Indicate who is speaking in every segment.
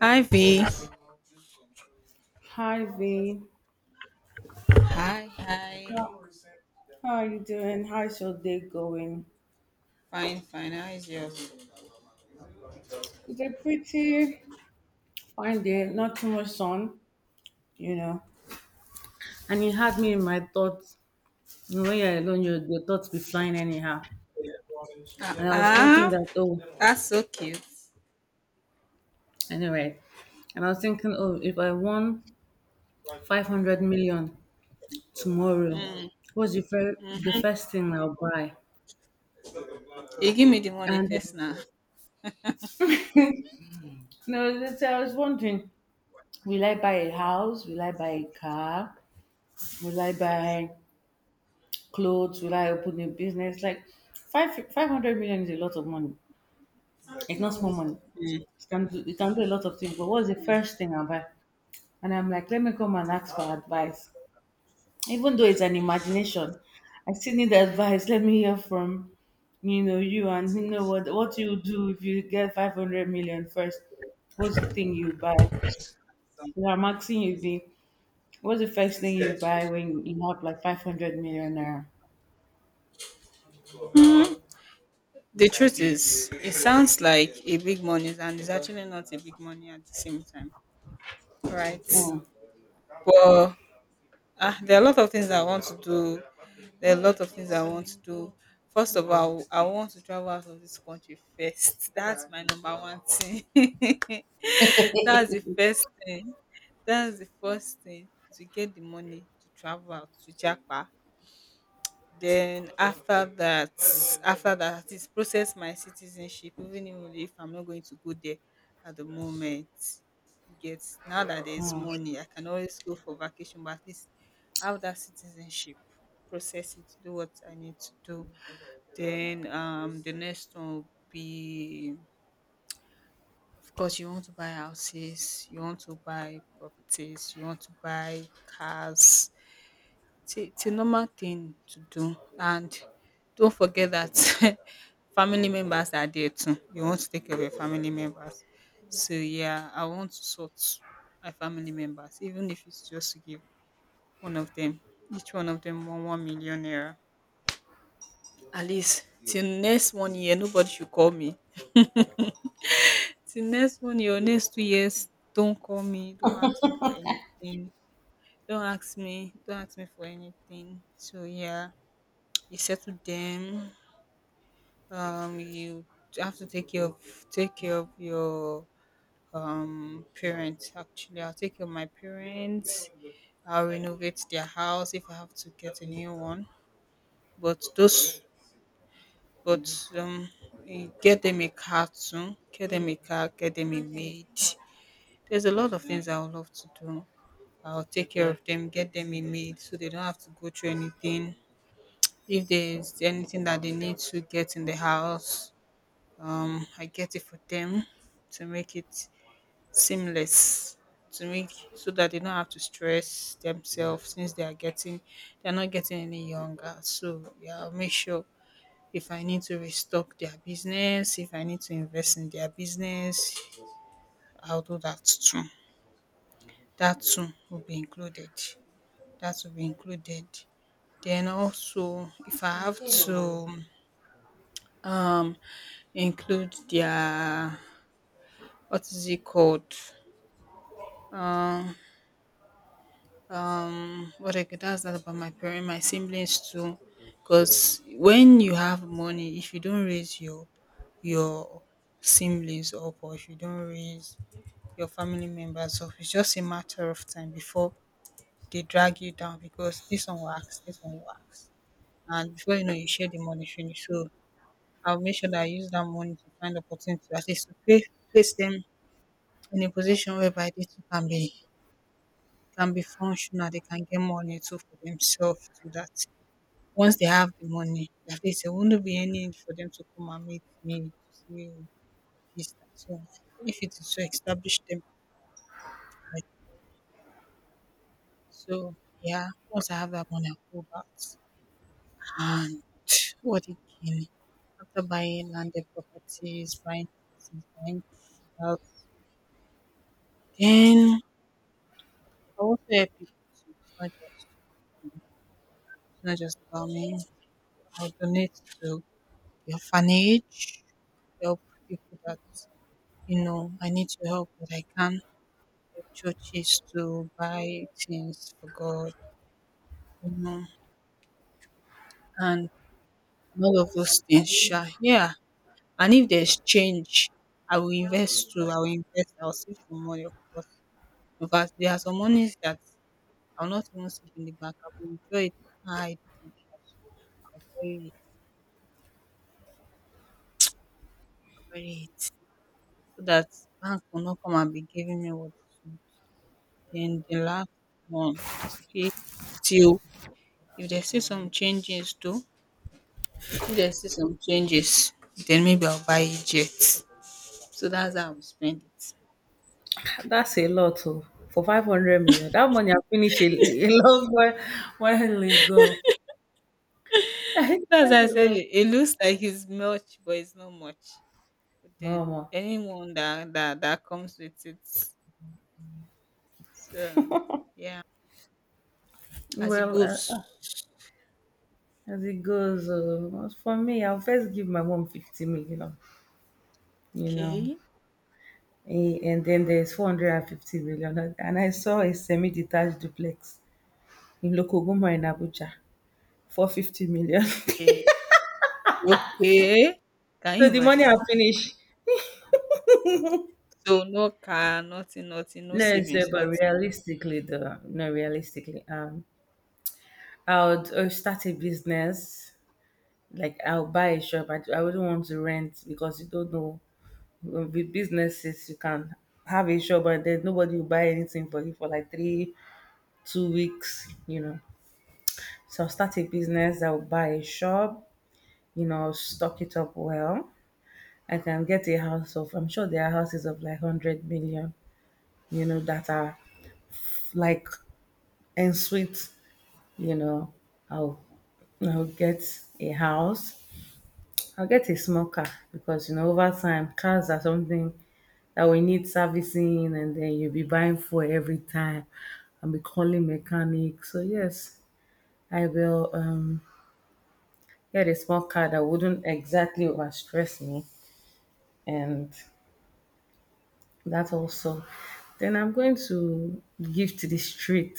Speaker 1: Hi V.
Speaker 2: Hi V,
Speaker 1: Hi, hi.
Speaker 2: how are you doing? How's your day going?
Speaker 1: Fine, fine. How is yours?
Speaker 2: It's a pretty fine day, not too much sun, you know. And it had me in my thoughts. When you're alone, your thoughts be flying anyhow. And I was thinking
Speaker 1: Ah, ah,
Speaker 2: that, oh,
Speaker 1: that's so cute.
Speaker 2: anyway. And I was thinking, oh, if I won 500 million tomorrow,
Speaker 1: Mm,
Speaker 2: what's the
Speaker 1: mhm.
Speaker 2: first thing I'll buy?
Speaker 1: You give me the money
Speaker 2: And
Speaker 1: first now.
Speaker 2: you know, that's- I was wondering, will I buy a house? Will I buy a car? Will I buy clothes? Will I open a business? Like five hundred million is a lot of money. It's not small money.
Speaker 1: Mm.
Speaker 2: It can do a lot of things. But what's the first thing I buy? And I'm like, let me come and ask for advice. Even though it's an imagination, I still need advice. Let me hear from you, and you know what you do if you get 500 million first. What's the thing you buy? So I'm asking you the what's the first thing you buy when you have like 500 million naira?
Speaker 1: The truth is, it sounds like a big money, and it's actually not a big money at the same time, right?
Speaker 2: Mm.
Speaker 1: But there are a lot of things I want to do. There are a lot of things I want to do. First of all, I want to travel out of this country first. That's my number one thing. That's the first That's the first thing to get the money to travel out to Japa. Then after that, is process my citizenship, even if I'm not going to go there at the moment. You get, now that there's money, I can always go for vacation, but at least I have that citizenship, process it, do what I need to do. Then the next one will be, of course, you want to buy houses, you want to buy properties, you want to buy cars. It's a normal thing to do, and don't forget that family members are there too. You want to take care of your family members. So yeah, I want to sort my family members, even if it's just to give one of them, each one of them one million naira. At least till next one year, nobody should call me. Till next one year, next 2 years, don't call me, don't ask me for anything. Don't ask me for anything. So yeah, you settle them, you have to take care of your parents. Actually, I'll take care of my parents. I'll renovate their house, if I have to get a new one. But those, but, um get them a car too, get them a maid. There's a lot of things I would love to do. I'll take care of them, get them a maid so they don't have to go through anything. If there's anything that they need to get in the house, I get it for them, to make it seamless, to make so that they don't have to stress themselves, since they are getting, they're not getting any younger. So yeah, I'll make sure, if I need to restock their business, if I need to invest in their business, I'll do that too. That too will be included. That will be included. Then also, if I have to um include their, what is it called, um what I could ask that about my parents, my siblings too, because when you have money, if you don't raise your your siblings up, or if you don't raise your family members up, it's just a matter of time before they drag you down, because this one works, and before you know, you share the money finish. So I'll make sure that I use that money to find opportunity, at least to place them in a position whereby they too can be, can be functional, they can get money too for themselves, so that once they have the money, at least there will not be any need for them to come and meet me to see, "Oh, this, that." So if it is to establish them, right. So yeah, once I have that money, I'll go back. And what again? After buying landed properties, buying houses, buying cars, then I also help people too. It's not just about me. I'll donate to the orphanage, help people that, you know, I need to help, but I can't, help churches to buy things for God, you know, and all of those things. Sha. Yeah. And if there's change, I will invest too. I will invest. I'll save some money, of course. Because there are some monies that I'll not even save in the bank. I will withdraw it, hide it, bury it, I'll bury it, so that bank will not come and be giving me what. Then the last one, he still, if there's still some changes though, if there's still some changes, then maybe I'll buy it yet. So that's how I will spend it.
Speaker 2: That's a lot oh, for 500 million. That money I finish a long while ago. That's
Speaker 1: That's how I
Speaker 2: a
Speaker 1: said
Speaker 2: lot.
Speaker 1: it. It looks like it's much, but it's not much. But then
Speaker 2: Um,
Speaker 1: anyone that that comes with it. So yeah, as it
Speaker 2: well,
Speaker 1: goes.
Speaker 2: as it goes, for me, I'll first give my mom 50 million, you know,
Speaker 1: Okay,
Speaker 2: eh, and then there's 450 million. And I saw a semi detached duplex in Lokoguma in Abuja for 50 million.
Speaker 1: okay, okay. Can
Speaker 2: So
Speaker 1: you
Speaker 2: the money
Speaker 1: imagine?
Speaker 2: I'll finish.
Speaker 1: So no car, nothing, nothing, no
Speaker 2: No, so,
Speaker 1: savings,
Speaker 2: but
Speaker 1: nothing.
Speaker 2: realistically, though, no, realistically, I would start a business. Like I'll buy a shop. I wouldn't want to rent because you don't know. With businesses, you can have a shop and then nobody will buy anything for you for like three, 2 weeks. You know. So I'll start a business. I'll buy a shop. I'll stock it up well. I can get a house of. I'm sure there are houses of like 100 million. You know that are like en suite. You know, I'll I'll get a house. I'll get a small car because over time cars are something that we need servicing and then you'll be buying fuel every time and be calling mechanic. So yes, I will get a small car that wouldn't exactly overstress me and that also. Then I'm going to give to the street.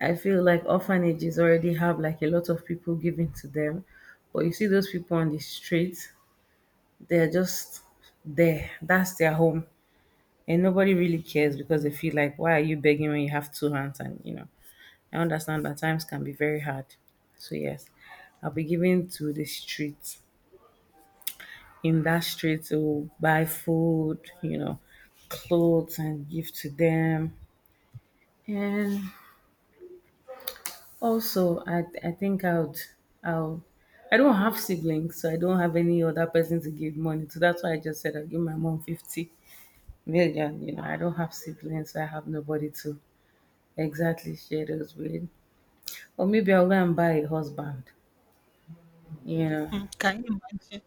Speaker 2: I feel like orphanages already have like a lot of people giving to them. But you see those people on the street, they're just there. That's their home, and nobody really cares because they feel like, why are you begging when you have two hands? And I understand that times can be very hard, so yes, I'll be giving to the streets in that street to buy food, clothes, and give to them. And also, I think I would I'll I don't have siblings, so I don't have any other person to give money to. That's why I just said I'll give my mom 50 million. I don't have siblings, so I have nobody to. Exactly, shadows with, or maybe I'll go and buy a husband, you know.
Speaker 1: Hmm, can you imagine?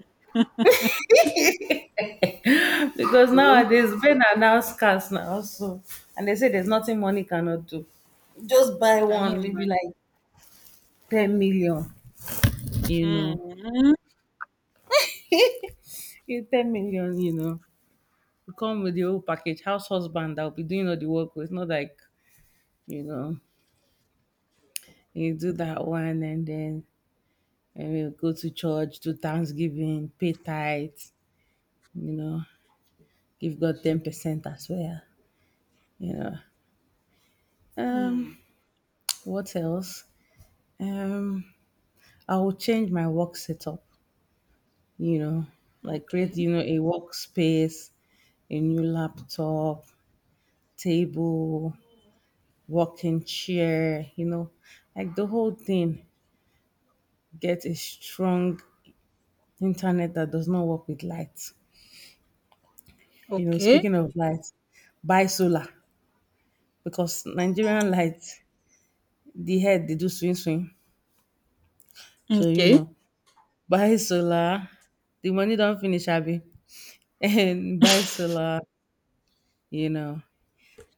Speaker 2: Because
Speaker 1: Okay.
Speaker 2: nowadays men are now scarce now, and they say there's nothing money cannot do. Just buy
Speaker 1: Can you
Speaker 2: one, maybe
Speaker 1: imagine?
Speaker 2: like ten million, you know.
Speaker 1: Mm,
Speaker 2: Yeah, ten million, you know. You come with the whole package, house husband that'll be doing all the work with not like, you know, you do that one and then and we'll go to church, do Thanksgiving, pay tithes, you know, give God 10% as well. You know.
Speaker 1: mm, mm.
Speaker 2: Um, what else? Um, I will change my work setup, you know, like
Speaker 1: Okay.
Speaker 2: create, a workspace, a new laptop, table, working chair, like the whole thing. Get a strong internet that does not work with light.
Speaker 1: Okay.
Speaker 2: Speaking of light, buy solar because Nigerian light, the head they do swing swing. So,
Speaker 1: Okay.
Speaker 2: buy solar, the money don't finish, Abby. And buy solar, you know,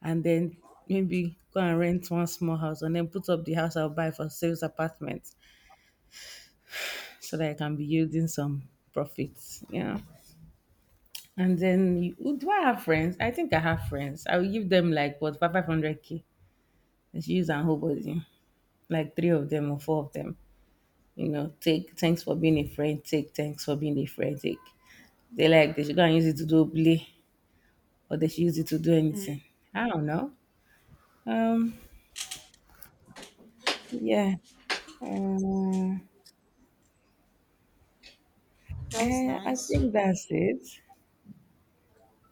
Speaker 2: and then maybe go and rent one small house and then put up the house I'll buy for sales apartment so that I can be yielding some profits. And then you, oh, do I have friends? I think I have friends. I will give them like what 500K. Let's use and whole body, like three of them or four of them. Take thanks for being a friend. Take thanks for being a friend. Take. They like they should go and use it to do play or they should use it to do anything. I don't know. Um, yeah. Uh,
Speaker 1: That's
Speaker 2: I
Speaker 1: nice.
Speaker 2: think that's it.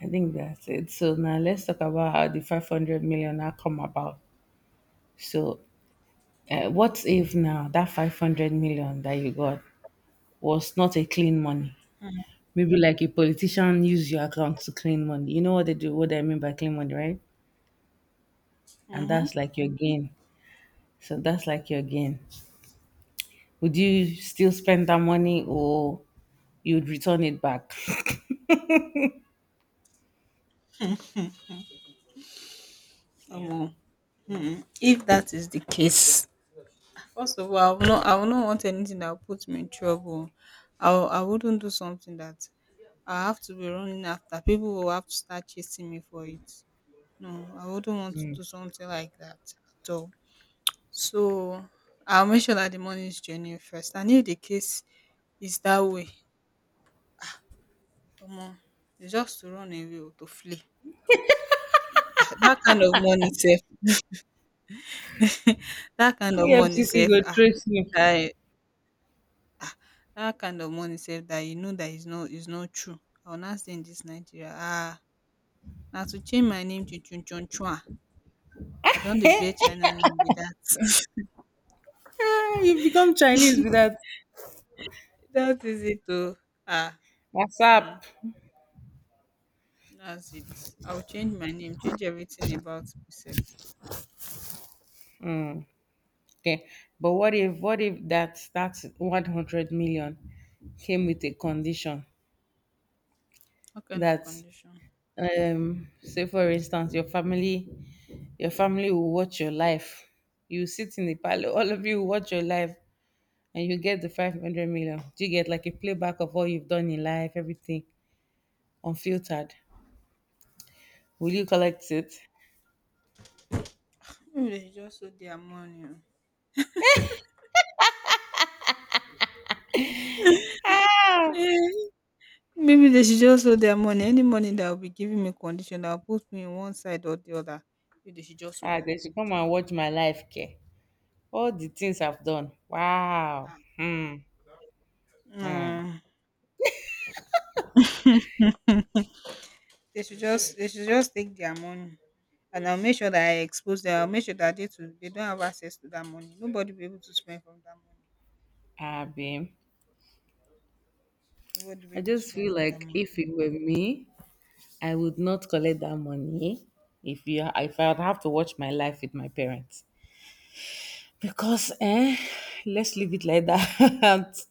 Speaker 2: I think that's it. So now let's talk about how the 500 million had come about. So, what if now that 500 million that you got was not a clean money? Maybe like a politician use your account to clean money. You know what they do, what I mean by clean money, right? And
Speaker 1: Mm-hmm.
Speaker 2: that's like your gain. So that's like your gain. Would you still spend that money or you'd return it back?
Speaker 1: Omo, mm-mm. If that is the case, first of all, I will not want anything that will put me in trouble. I wouldn't do something that I have to be running after. People will have to start chasing me for it. No, I wouldn't want to do something like that at all. So I'll make sure that the money is genuine first. And if the case is that way, omo, it's just to run away or to flee. That kind of money, sef, that kind of
Speaker 2: The F
Speaker 1: money
Speaker 2: C C
Speaker 1: safe,
Speaker 2: go
Speaker 1: ah,
Speaker 2: trace you.
Speaker 1: that um that kind of money safe, that you know that is no, is not true. I will now stay in dis Nigeria, ah. Now to change my name to Chun Chun chua. I don dey bear China name be dat.
Speaker 2: Eh, you become Chinese with that.
Speaker 1: Dat it too, ah.
Speaker 2: What's
Speaker 1: Hmm,
Speaker 2: up?
Speaker 1: dats it. I will change my name, change everything about myself.
Speaker 2: Okay. But what if that that 100 million came with a condition
Speaker 1: What kind of
Speaker 2: that
Speaker 1: condition?
Speaker 2: say for instance your family will watch your life. You sit in the palace, all of you will watch your life and you get the 500 million. Do you get like a playback of all you've done in life, everything unfiltered? Will you collect it?
Speaker 1: Maybe they dey just hold their money
Speaker 2: Ah,
Speaker 1: oh. Maybe they should just hold their money. Any money that will be giving me condition that will put me in one side or the other. Maybe they should just hold their
Speaker 2: they should
Speaker 1: money.
Speaker 2: come
Speaker 1: Jay.
Speaker 2: and watch my life, care. All the things I've done. Wow.
Speaker 1: Ah,
Speaker 2: Hmm. Hmm.
Speaker 1: no, they should just take their money, and I'll make sure that I expose them. I'll make sure that they too, they don't have access to that money. Nobody will be able to spend from that money.
Speaker 2: Abi.
Speaker 1: Nobody will be
Speaker 2: I
Speaker 1: able to
Speaker 2: just
Speaker 1: spend
Speaker 2: feel
Speaker 1: from that
Speaker 2: like
Speaker 1: money.
Speaker 2: if it were me, I would not collect that money if you if I'd have to watch my life with my parents. Because let's leave it like that.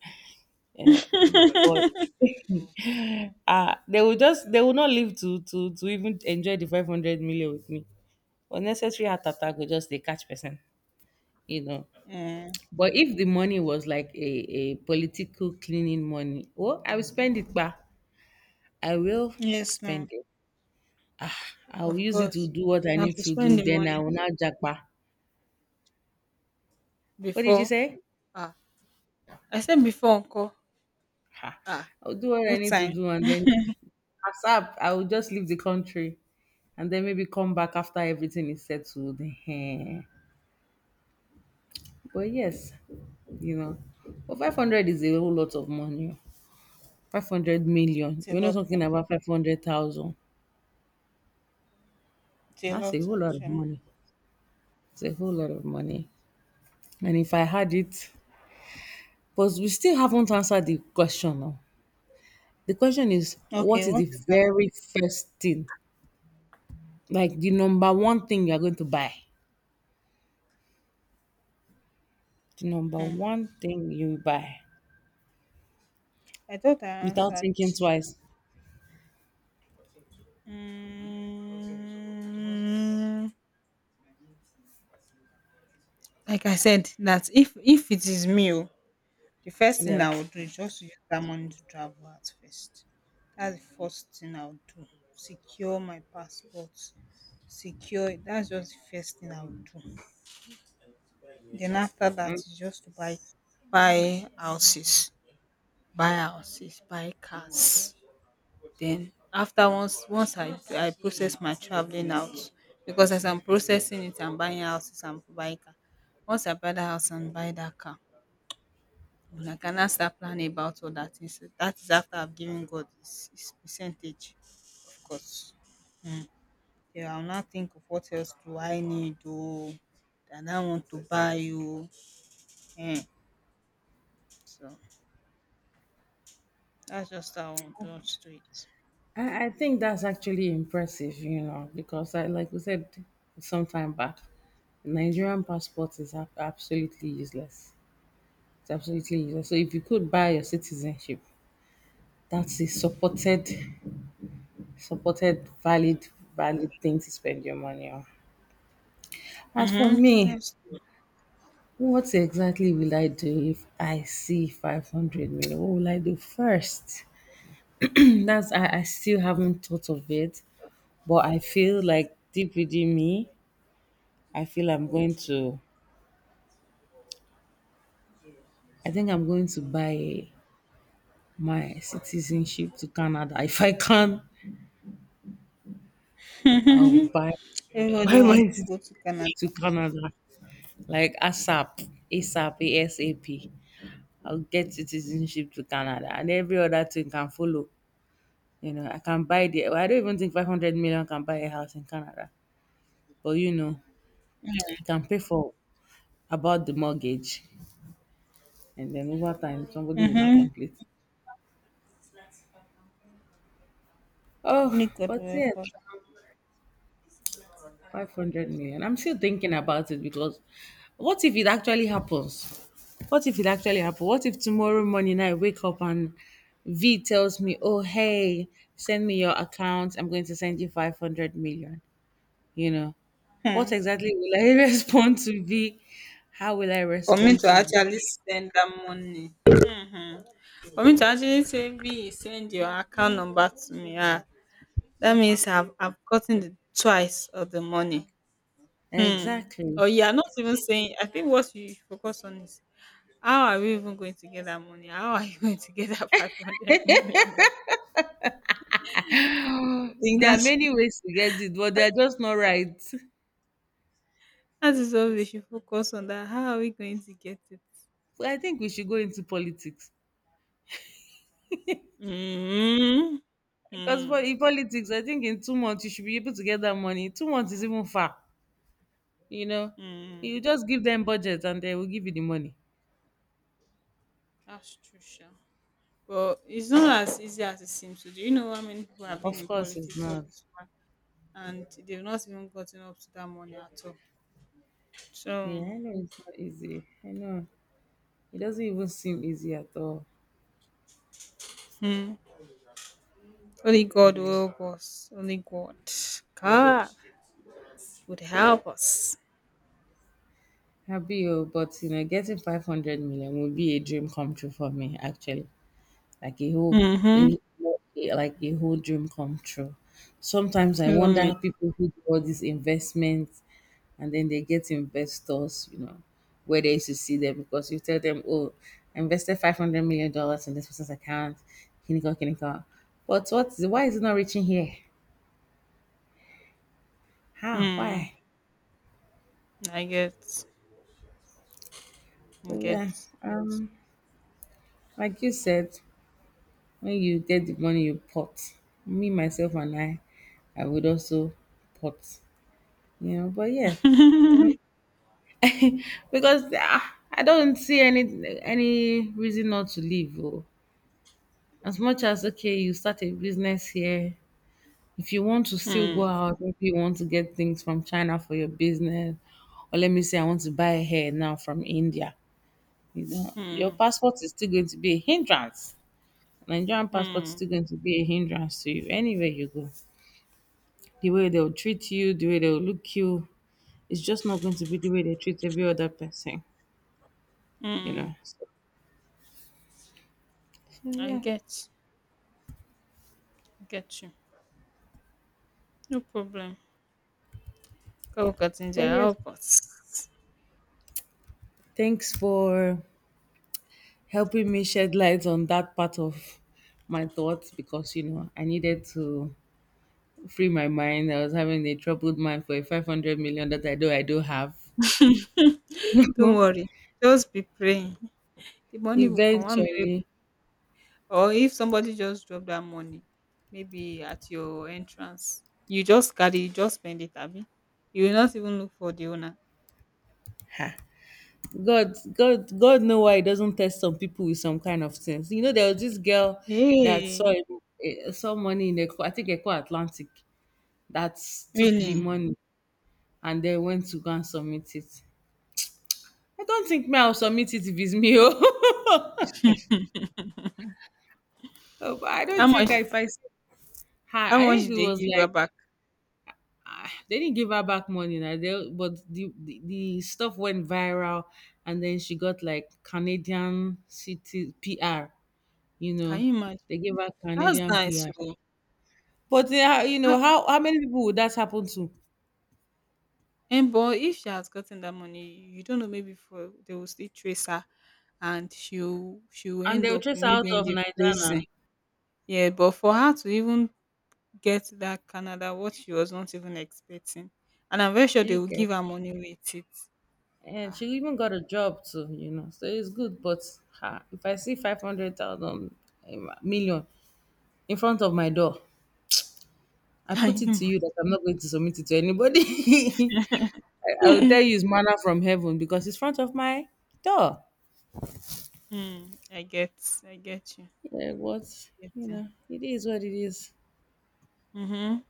Speaker 2: but they will not live to even enjoy the 500 million with me. Unnecessary heart attack will just they catch person, you know.
Speaker 1: Mm.
Speaker 2: But if the money was like a political cleaning money, oh, I will spend it, but I will
Speaker 1: Yes, now,
Speaker 2: spend it. I will
Speaker 1: of
Speaker 2: use it to
Speaker 1: course.
Speaker 2: do what I
Speaker 1: Now
Speaker 2: need
Speaker 1: to
Speaker 2: to do.
Speaker 1: spend the
Speaker 2: Then
Speaker 1: money
Speaker 2: I will not jackpa. What did you
Speaker 1: before.
Speaker 2: say?
Speaker 1: Ah, I said before, uncle.
Speaker 2: Ha.
Speaker 1: Ah,
Speaker 2: I will do what I
Speaker 1: no
Speaker 2: need to
Speaker 1: time.
Speaker 2: do, and then ASAP, I will just leave the country, and then maybe come back after everything is settled. Ehen. But yes, you know, but 500 is a whole lot of money. 500 million.
Speaker 1: It's a
Speaker 2: You're not
Speaker 1: lot, oh.
Speaker 2: talking about 500,000.
Speaker 1: It's a
Speaker 2: That's a
Speaker 1: lot
Speaker 2: whole lot of
Speaker 1: actually.
Speaker 2: money. It's a whole lot of money. And if I had it, but we still haven't answered the question now. The question is,
Speaker 1: Okay,
Speaker 2: what is
Speaker 1: what
Speaker 2: the
Speaker 1: is that?
Speaker 2: very first thing? Like the number one thing you're going to buy. The number one thing you buy
Speaker 1: I thought I
Speaker 2: without
Speaker 1: answered.
Speaker 2: thinking twice.
Speaker 1: Mm, like I said, that, if it is me, oh, the first thing I
Speaker 2: Yes.
Speaker 1: would do is just to use that money to travel at first. That's the first thing I would do. Secure my passport. Secure it. That's just the first thing I would do. Then after that is just to buy, buy houses, buy houses, buy cars. Then after, once I process my traveling out, because as I'm processing it I'm buying houses, I'm buying car. Once I buy that house and buy that car, then I can now start planning about all that. Things. So that is after I've given God his percentage, of course. Mm. Yeah, I'll now think of what else do I need, oh, that I now want to buy you. Mm. So that's just how I want to do it.
Speaker 2: I think that's actually impressive, because I like we said some time back, Nigerian passport is absolutely useless. It's absolutely useless. So if you could buy your citizenship, that's a supported valid thing to spend your money on. As for
Speaker 1: Mm-hmm.
Speaker 2: me,
Speaker 1: Yes.
Speaker 2: what exactly will I do if I see 500 million? What will I do first? I still haven't thought of it, but I feel like deep within me, I feel I think I'm going to buy my citizenship to Canada. If I can, I'll buy
Speaker 1: Everybody
Speaker 2: buy my
Speaker 1: wants to go to
Speaker 2: citizenship
Speaker 1: Canada.
Speaker 2: to Canada. Like ASAP, ASAP, ASAP. I'll get citizenship to Canada and every other thing can follow. I can buy the I don't even think 500 million can buy a house in Canada. But you can pay for about the mortgage and then over time somebody will not
Speaker 1: Mm-hmm.
Speaker 2: complete.
Speaker 1: Only
Speaker 2: Oh,
Speaker 1: God will
Speaker 2: but
Speaker 1: help
Speaker 2: yes,
Speaker 1: us.
Speaker 2: 500 million. I'm still thinking about it because what if it actually happens? What if it actually happens? What if tomorrow morning I wake up and V tells me, oh, hey, send me your account. I'm going to send you 500 million." You know,
Speaker 1: Hmm.
Speaker 2: what exactly will I respond to be? How will I
Speaker 1: For me
Speaker 2: respond
Speaker 1: to
Speaker 2: to be?
Speaker 1: actually send that money, for me to actually say, "V, send your account number to me," ah, that means I've gotten the twice of the money. Hmm.
Speaker 2: Exactly.
Speaker 1: Or you are not even saying. I think what you should focus on is, how are we even going to get that money? How are you going to get that 500 million? I think
Speaker 2: There are
Speaker 1: that's,
Speaker 2: many ways to get it, but they are just not right. So
Speaker 1: that is what we should focus on. That how are we going to get it?
Speaker 2: I think we should go into politics.
Speaker 1: Mm-hmm.
Speaker 2: Because
Speaker 1: Mm-hmm.
Speaker 2: for in politics, I think in 2 months you should be able to get that money. 2 months is even far. You know, you just give them budget and they will give you the money.
Speaker 1: That's true, Sha. But it's not as easy as it seems to. Do you know how many people have been
Speaker 2: Of
Speaker 1: in
Speaker 2: course, it's
Speaker 1: politics all
Speaker 2: not.
Speaker 1: this while, and they've not even gotten up to that money at all? So,
Speaker 2: Yeah, I know it's not easy. I know it doesn't even seem easy at all.
Speaker 1: hmm, only God will help us. Only God, God would help us.
Speaker 2: Happy, oh, but getting 500 million would be a dream come true for me, actually. Like a whole,
Speaker 1: Mm-hmm.
Speaker 2: a, like a whole dream come true. Sometimes I
Speaker 1: Even
Speaker 2: wonder how
Speaker 1: me.
Speaker 2: people who do all these investments and then they get investors, where they used to see them because you tell them, oh, I invested $500 million in this person's account, kiniko, kiniko. But why is it not reaching here? How?
Speaker 1: Mm,
Speaker 2: Why?
Speaker 1: I get, I
Speaker 2: So,
Speaker 1: get,
Speaker 2: yeah,
Speaker 1: get.
Speaker 2: um, like you said, when you get the money, you pot. Me, myself, and I would also pot. But yes, because I don't see any reason not to leave. Oh. As much as okay, you start a business here. If you want to still go
Speaker 1: Mm,
Speaker 2: out, maybe you want to get things from China for your business, or let me say, I want to buy a hair now from India. Your
Speaker 1: mm,
Speaker 2: passport is still going to be a hindrance. Nigerian passport is
Speaker 1: mm,
Speaker 2: still going to be a hindrance to you anywhere you go. The way they'll treat you, the way they'll look you. It's just not going to be the way they treat every other person, you
Speaker 1: mm.
Speaker 2: know. So, so
Speaker 1: I
Speaker 2: yeah.
Speaker 1: get you. No problem. God will continue to
Speaker 2: But yes,
Speaker 1: help us.
Speaker 2: thanks for helping me shed light on that part of my thoughts because you know I needed to free my mind. I was having a troubled mind for a 500 million that I know I do have. You
Speaker 1: Don't
Speaker 2: know,
Speaker 1: worry. Just be praying. The money will come one minute,
Speaker 2: eventually.
Speaker 1: or if somebody just drop that money maybe at your entrance, you just carry, you just spend it abi. You will not even look for the owner.
Speaker 2: God, God, God know why He doesn't test some people with some kind of things. There was this girl that
Speaker 1: Hey!
Speaker 2: saw money in Eco, I think Eco Atlantic, that took the
Speaker 1: Really?
Speaker 2: money and then went to go and submit it. I don't think me I'll submit it if it's me. Oh. Oh, but I
Speaker 1: How
Speaker 2: don't
Speaker 1: much,
Speaker 2: think if I say hi,
Speaker 1: how
Speaker 2: I
Speaker 1: much
Speaker 2: think
Speaker 1: did
Speaker 2: it
Speaker 1: they
Speaker 2: was
Speaker 1: give her
Speaker 2: like
Speaker 1: back?
Speaker 2: they didn't give her back money. Now they, but the stuff went viral, and then she got like Canadian city PR. You
Speaker 1: Can
Speaker 2: know,
Speaker 1: you
Speaker 2: they
Speaker 1: imagine?
Speaker 2: gave her
Speaker 1: That's
Speaker 2: Canadian
Speaker 1: nice,
Speaker 2: PR.
Speaker 1: oh.
Speaker 2: But they are,
Speaker 1: Ah
Speaker 2: how many people would that happen to?
Speaker 1: but if she has gotten that money, you don't know, maybe for they will still trace her, and she'll
Speaker 2: And
Speaker 1: end
Speaker 2: they'll
Speaker 1: up
Speaker 2: chase
Speaker 1: in,
Speaker 2: her out
Speaker 1: maybe in
Speaker 2: of
Speaker 1: the
Speaker 2: Nigeria
Speaker 1: prison.
Speaker 2: now.
Speaker 1: Yeah, but for her to even get that Canada, what she was not even expecting. And I'm very sure
Speaker 2: Do
Speaker 1: they
Speaker 2: you
Speaker 1: will
Speaker 2: get?
Speaker 1: give her money with it.
Speaker 2: And
Speaker 1: Ah,
Speaker 2: she even got a job too. So it's good, but if I see 500,000 um, in front of my door, I
Speaker 1: can
Speaker 2: put
Speaker 1: you
Speaker 2: it to
Speaker 1: imagine?
Speaker 2: you that I'm not going to submit it to anybody. I will tell you it's manna from heaven because it's front of my door.
Speaker 1: Hmm, I get you.
Speaker 2: Yeah, but
Speaker 1: Get you.
Speaker 2: it is what it is.
Speaker 1: Mm-hmm.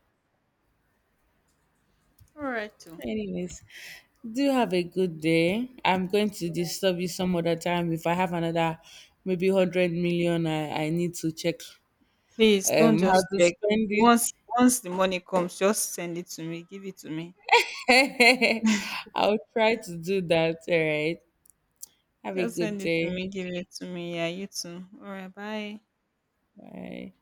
Speaker 1: All right, too.
Speaker 2: Anyways, do have a good day. I'm going to disturb you some other time. If I have another maybe 100 million, I need to check
Speaker 1: Please don't
Speaker 2: how
Speaker 1: just
Speaker 2: to
Speaker 1: check.
Speaker 2: spend
Speaker 1: Once, once the money comes, just send it to me. Give it to me.
Speaker 2: it. I'll try to do that. All right. Have a
Speaker 1: Just
Speaker 2: good
Speaker 1: send it to
Speaker 2: day.
Speaker 1: me. Give it to me. Yeah, you too. All right, bye.
Speaker 2: Bye.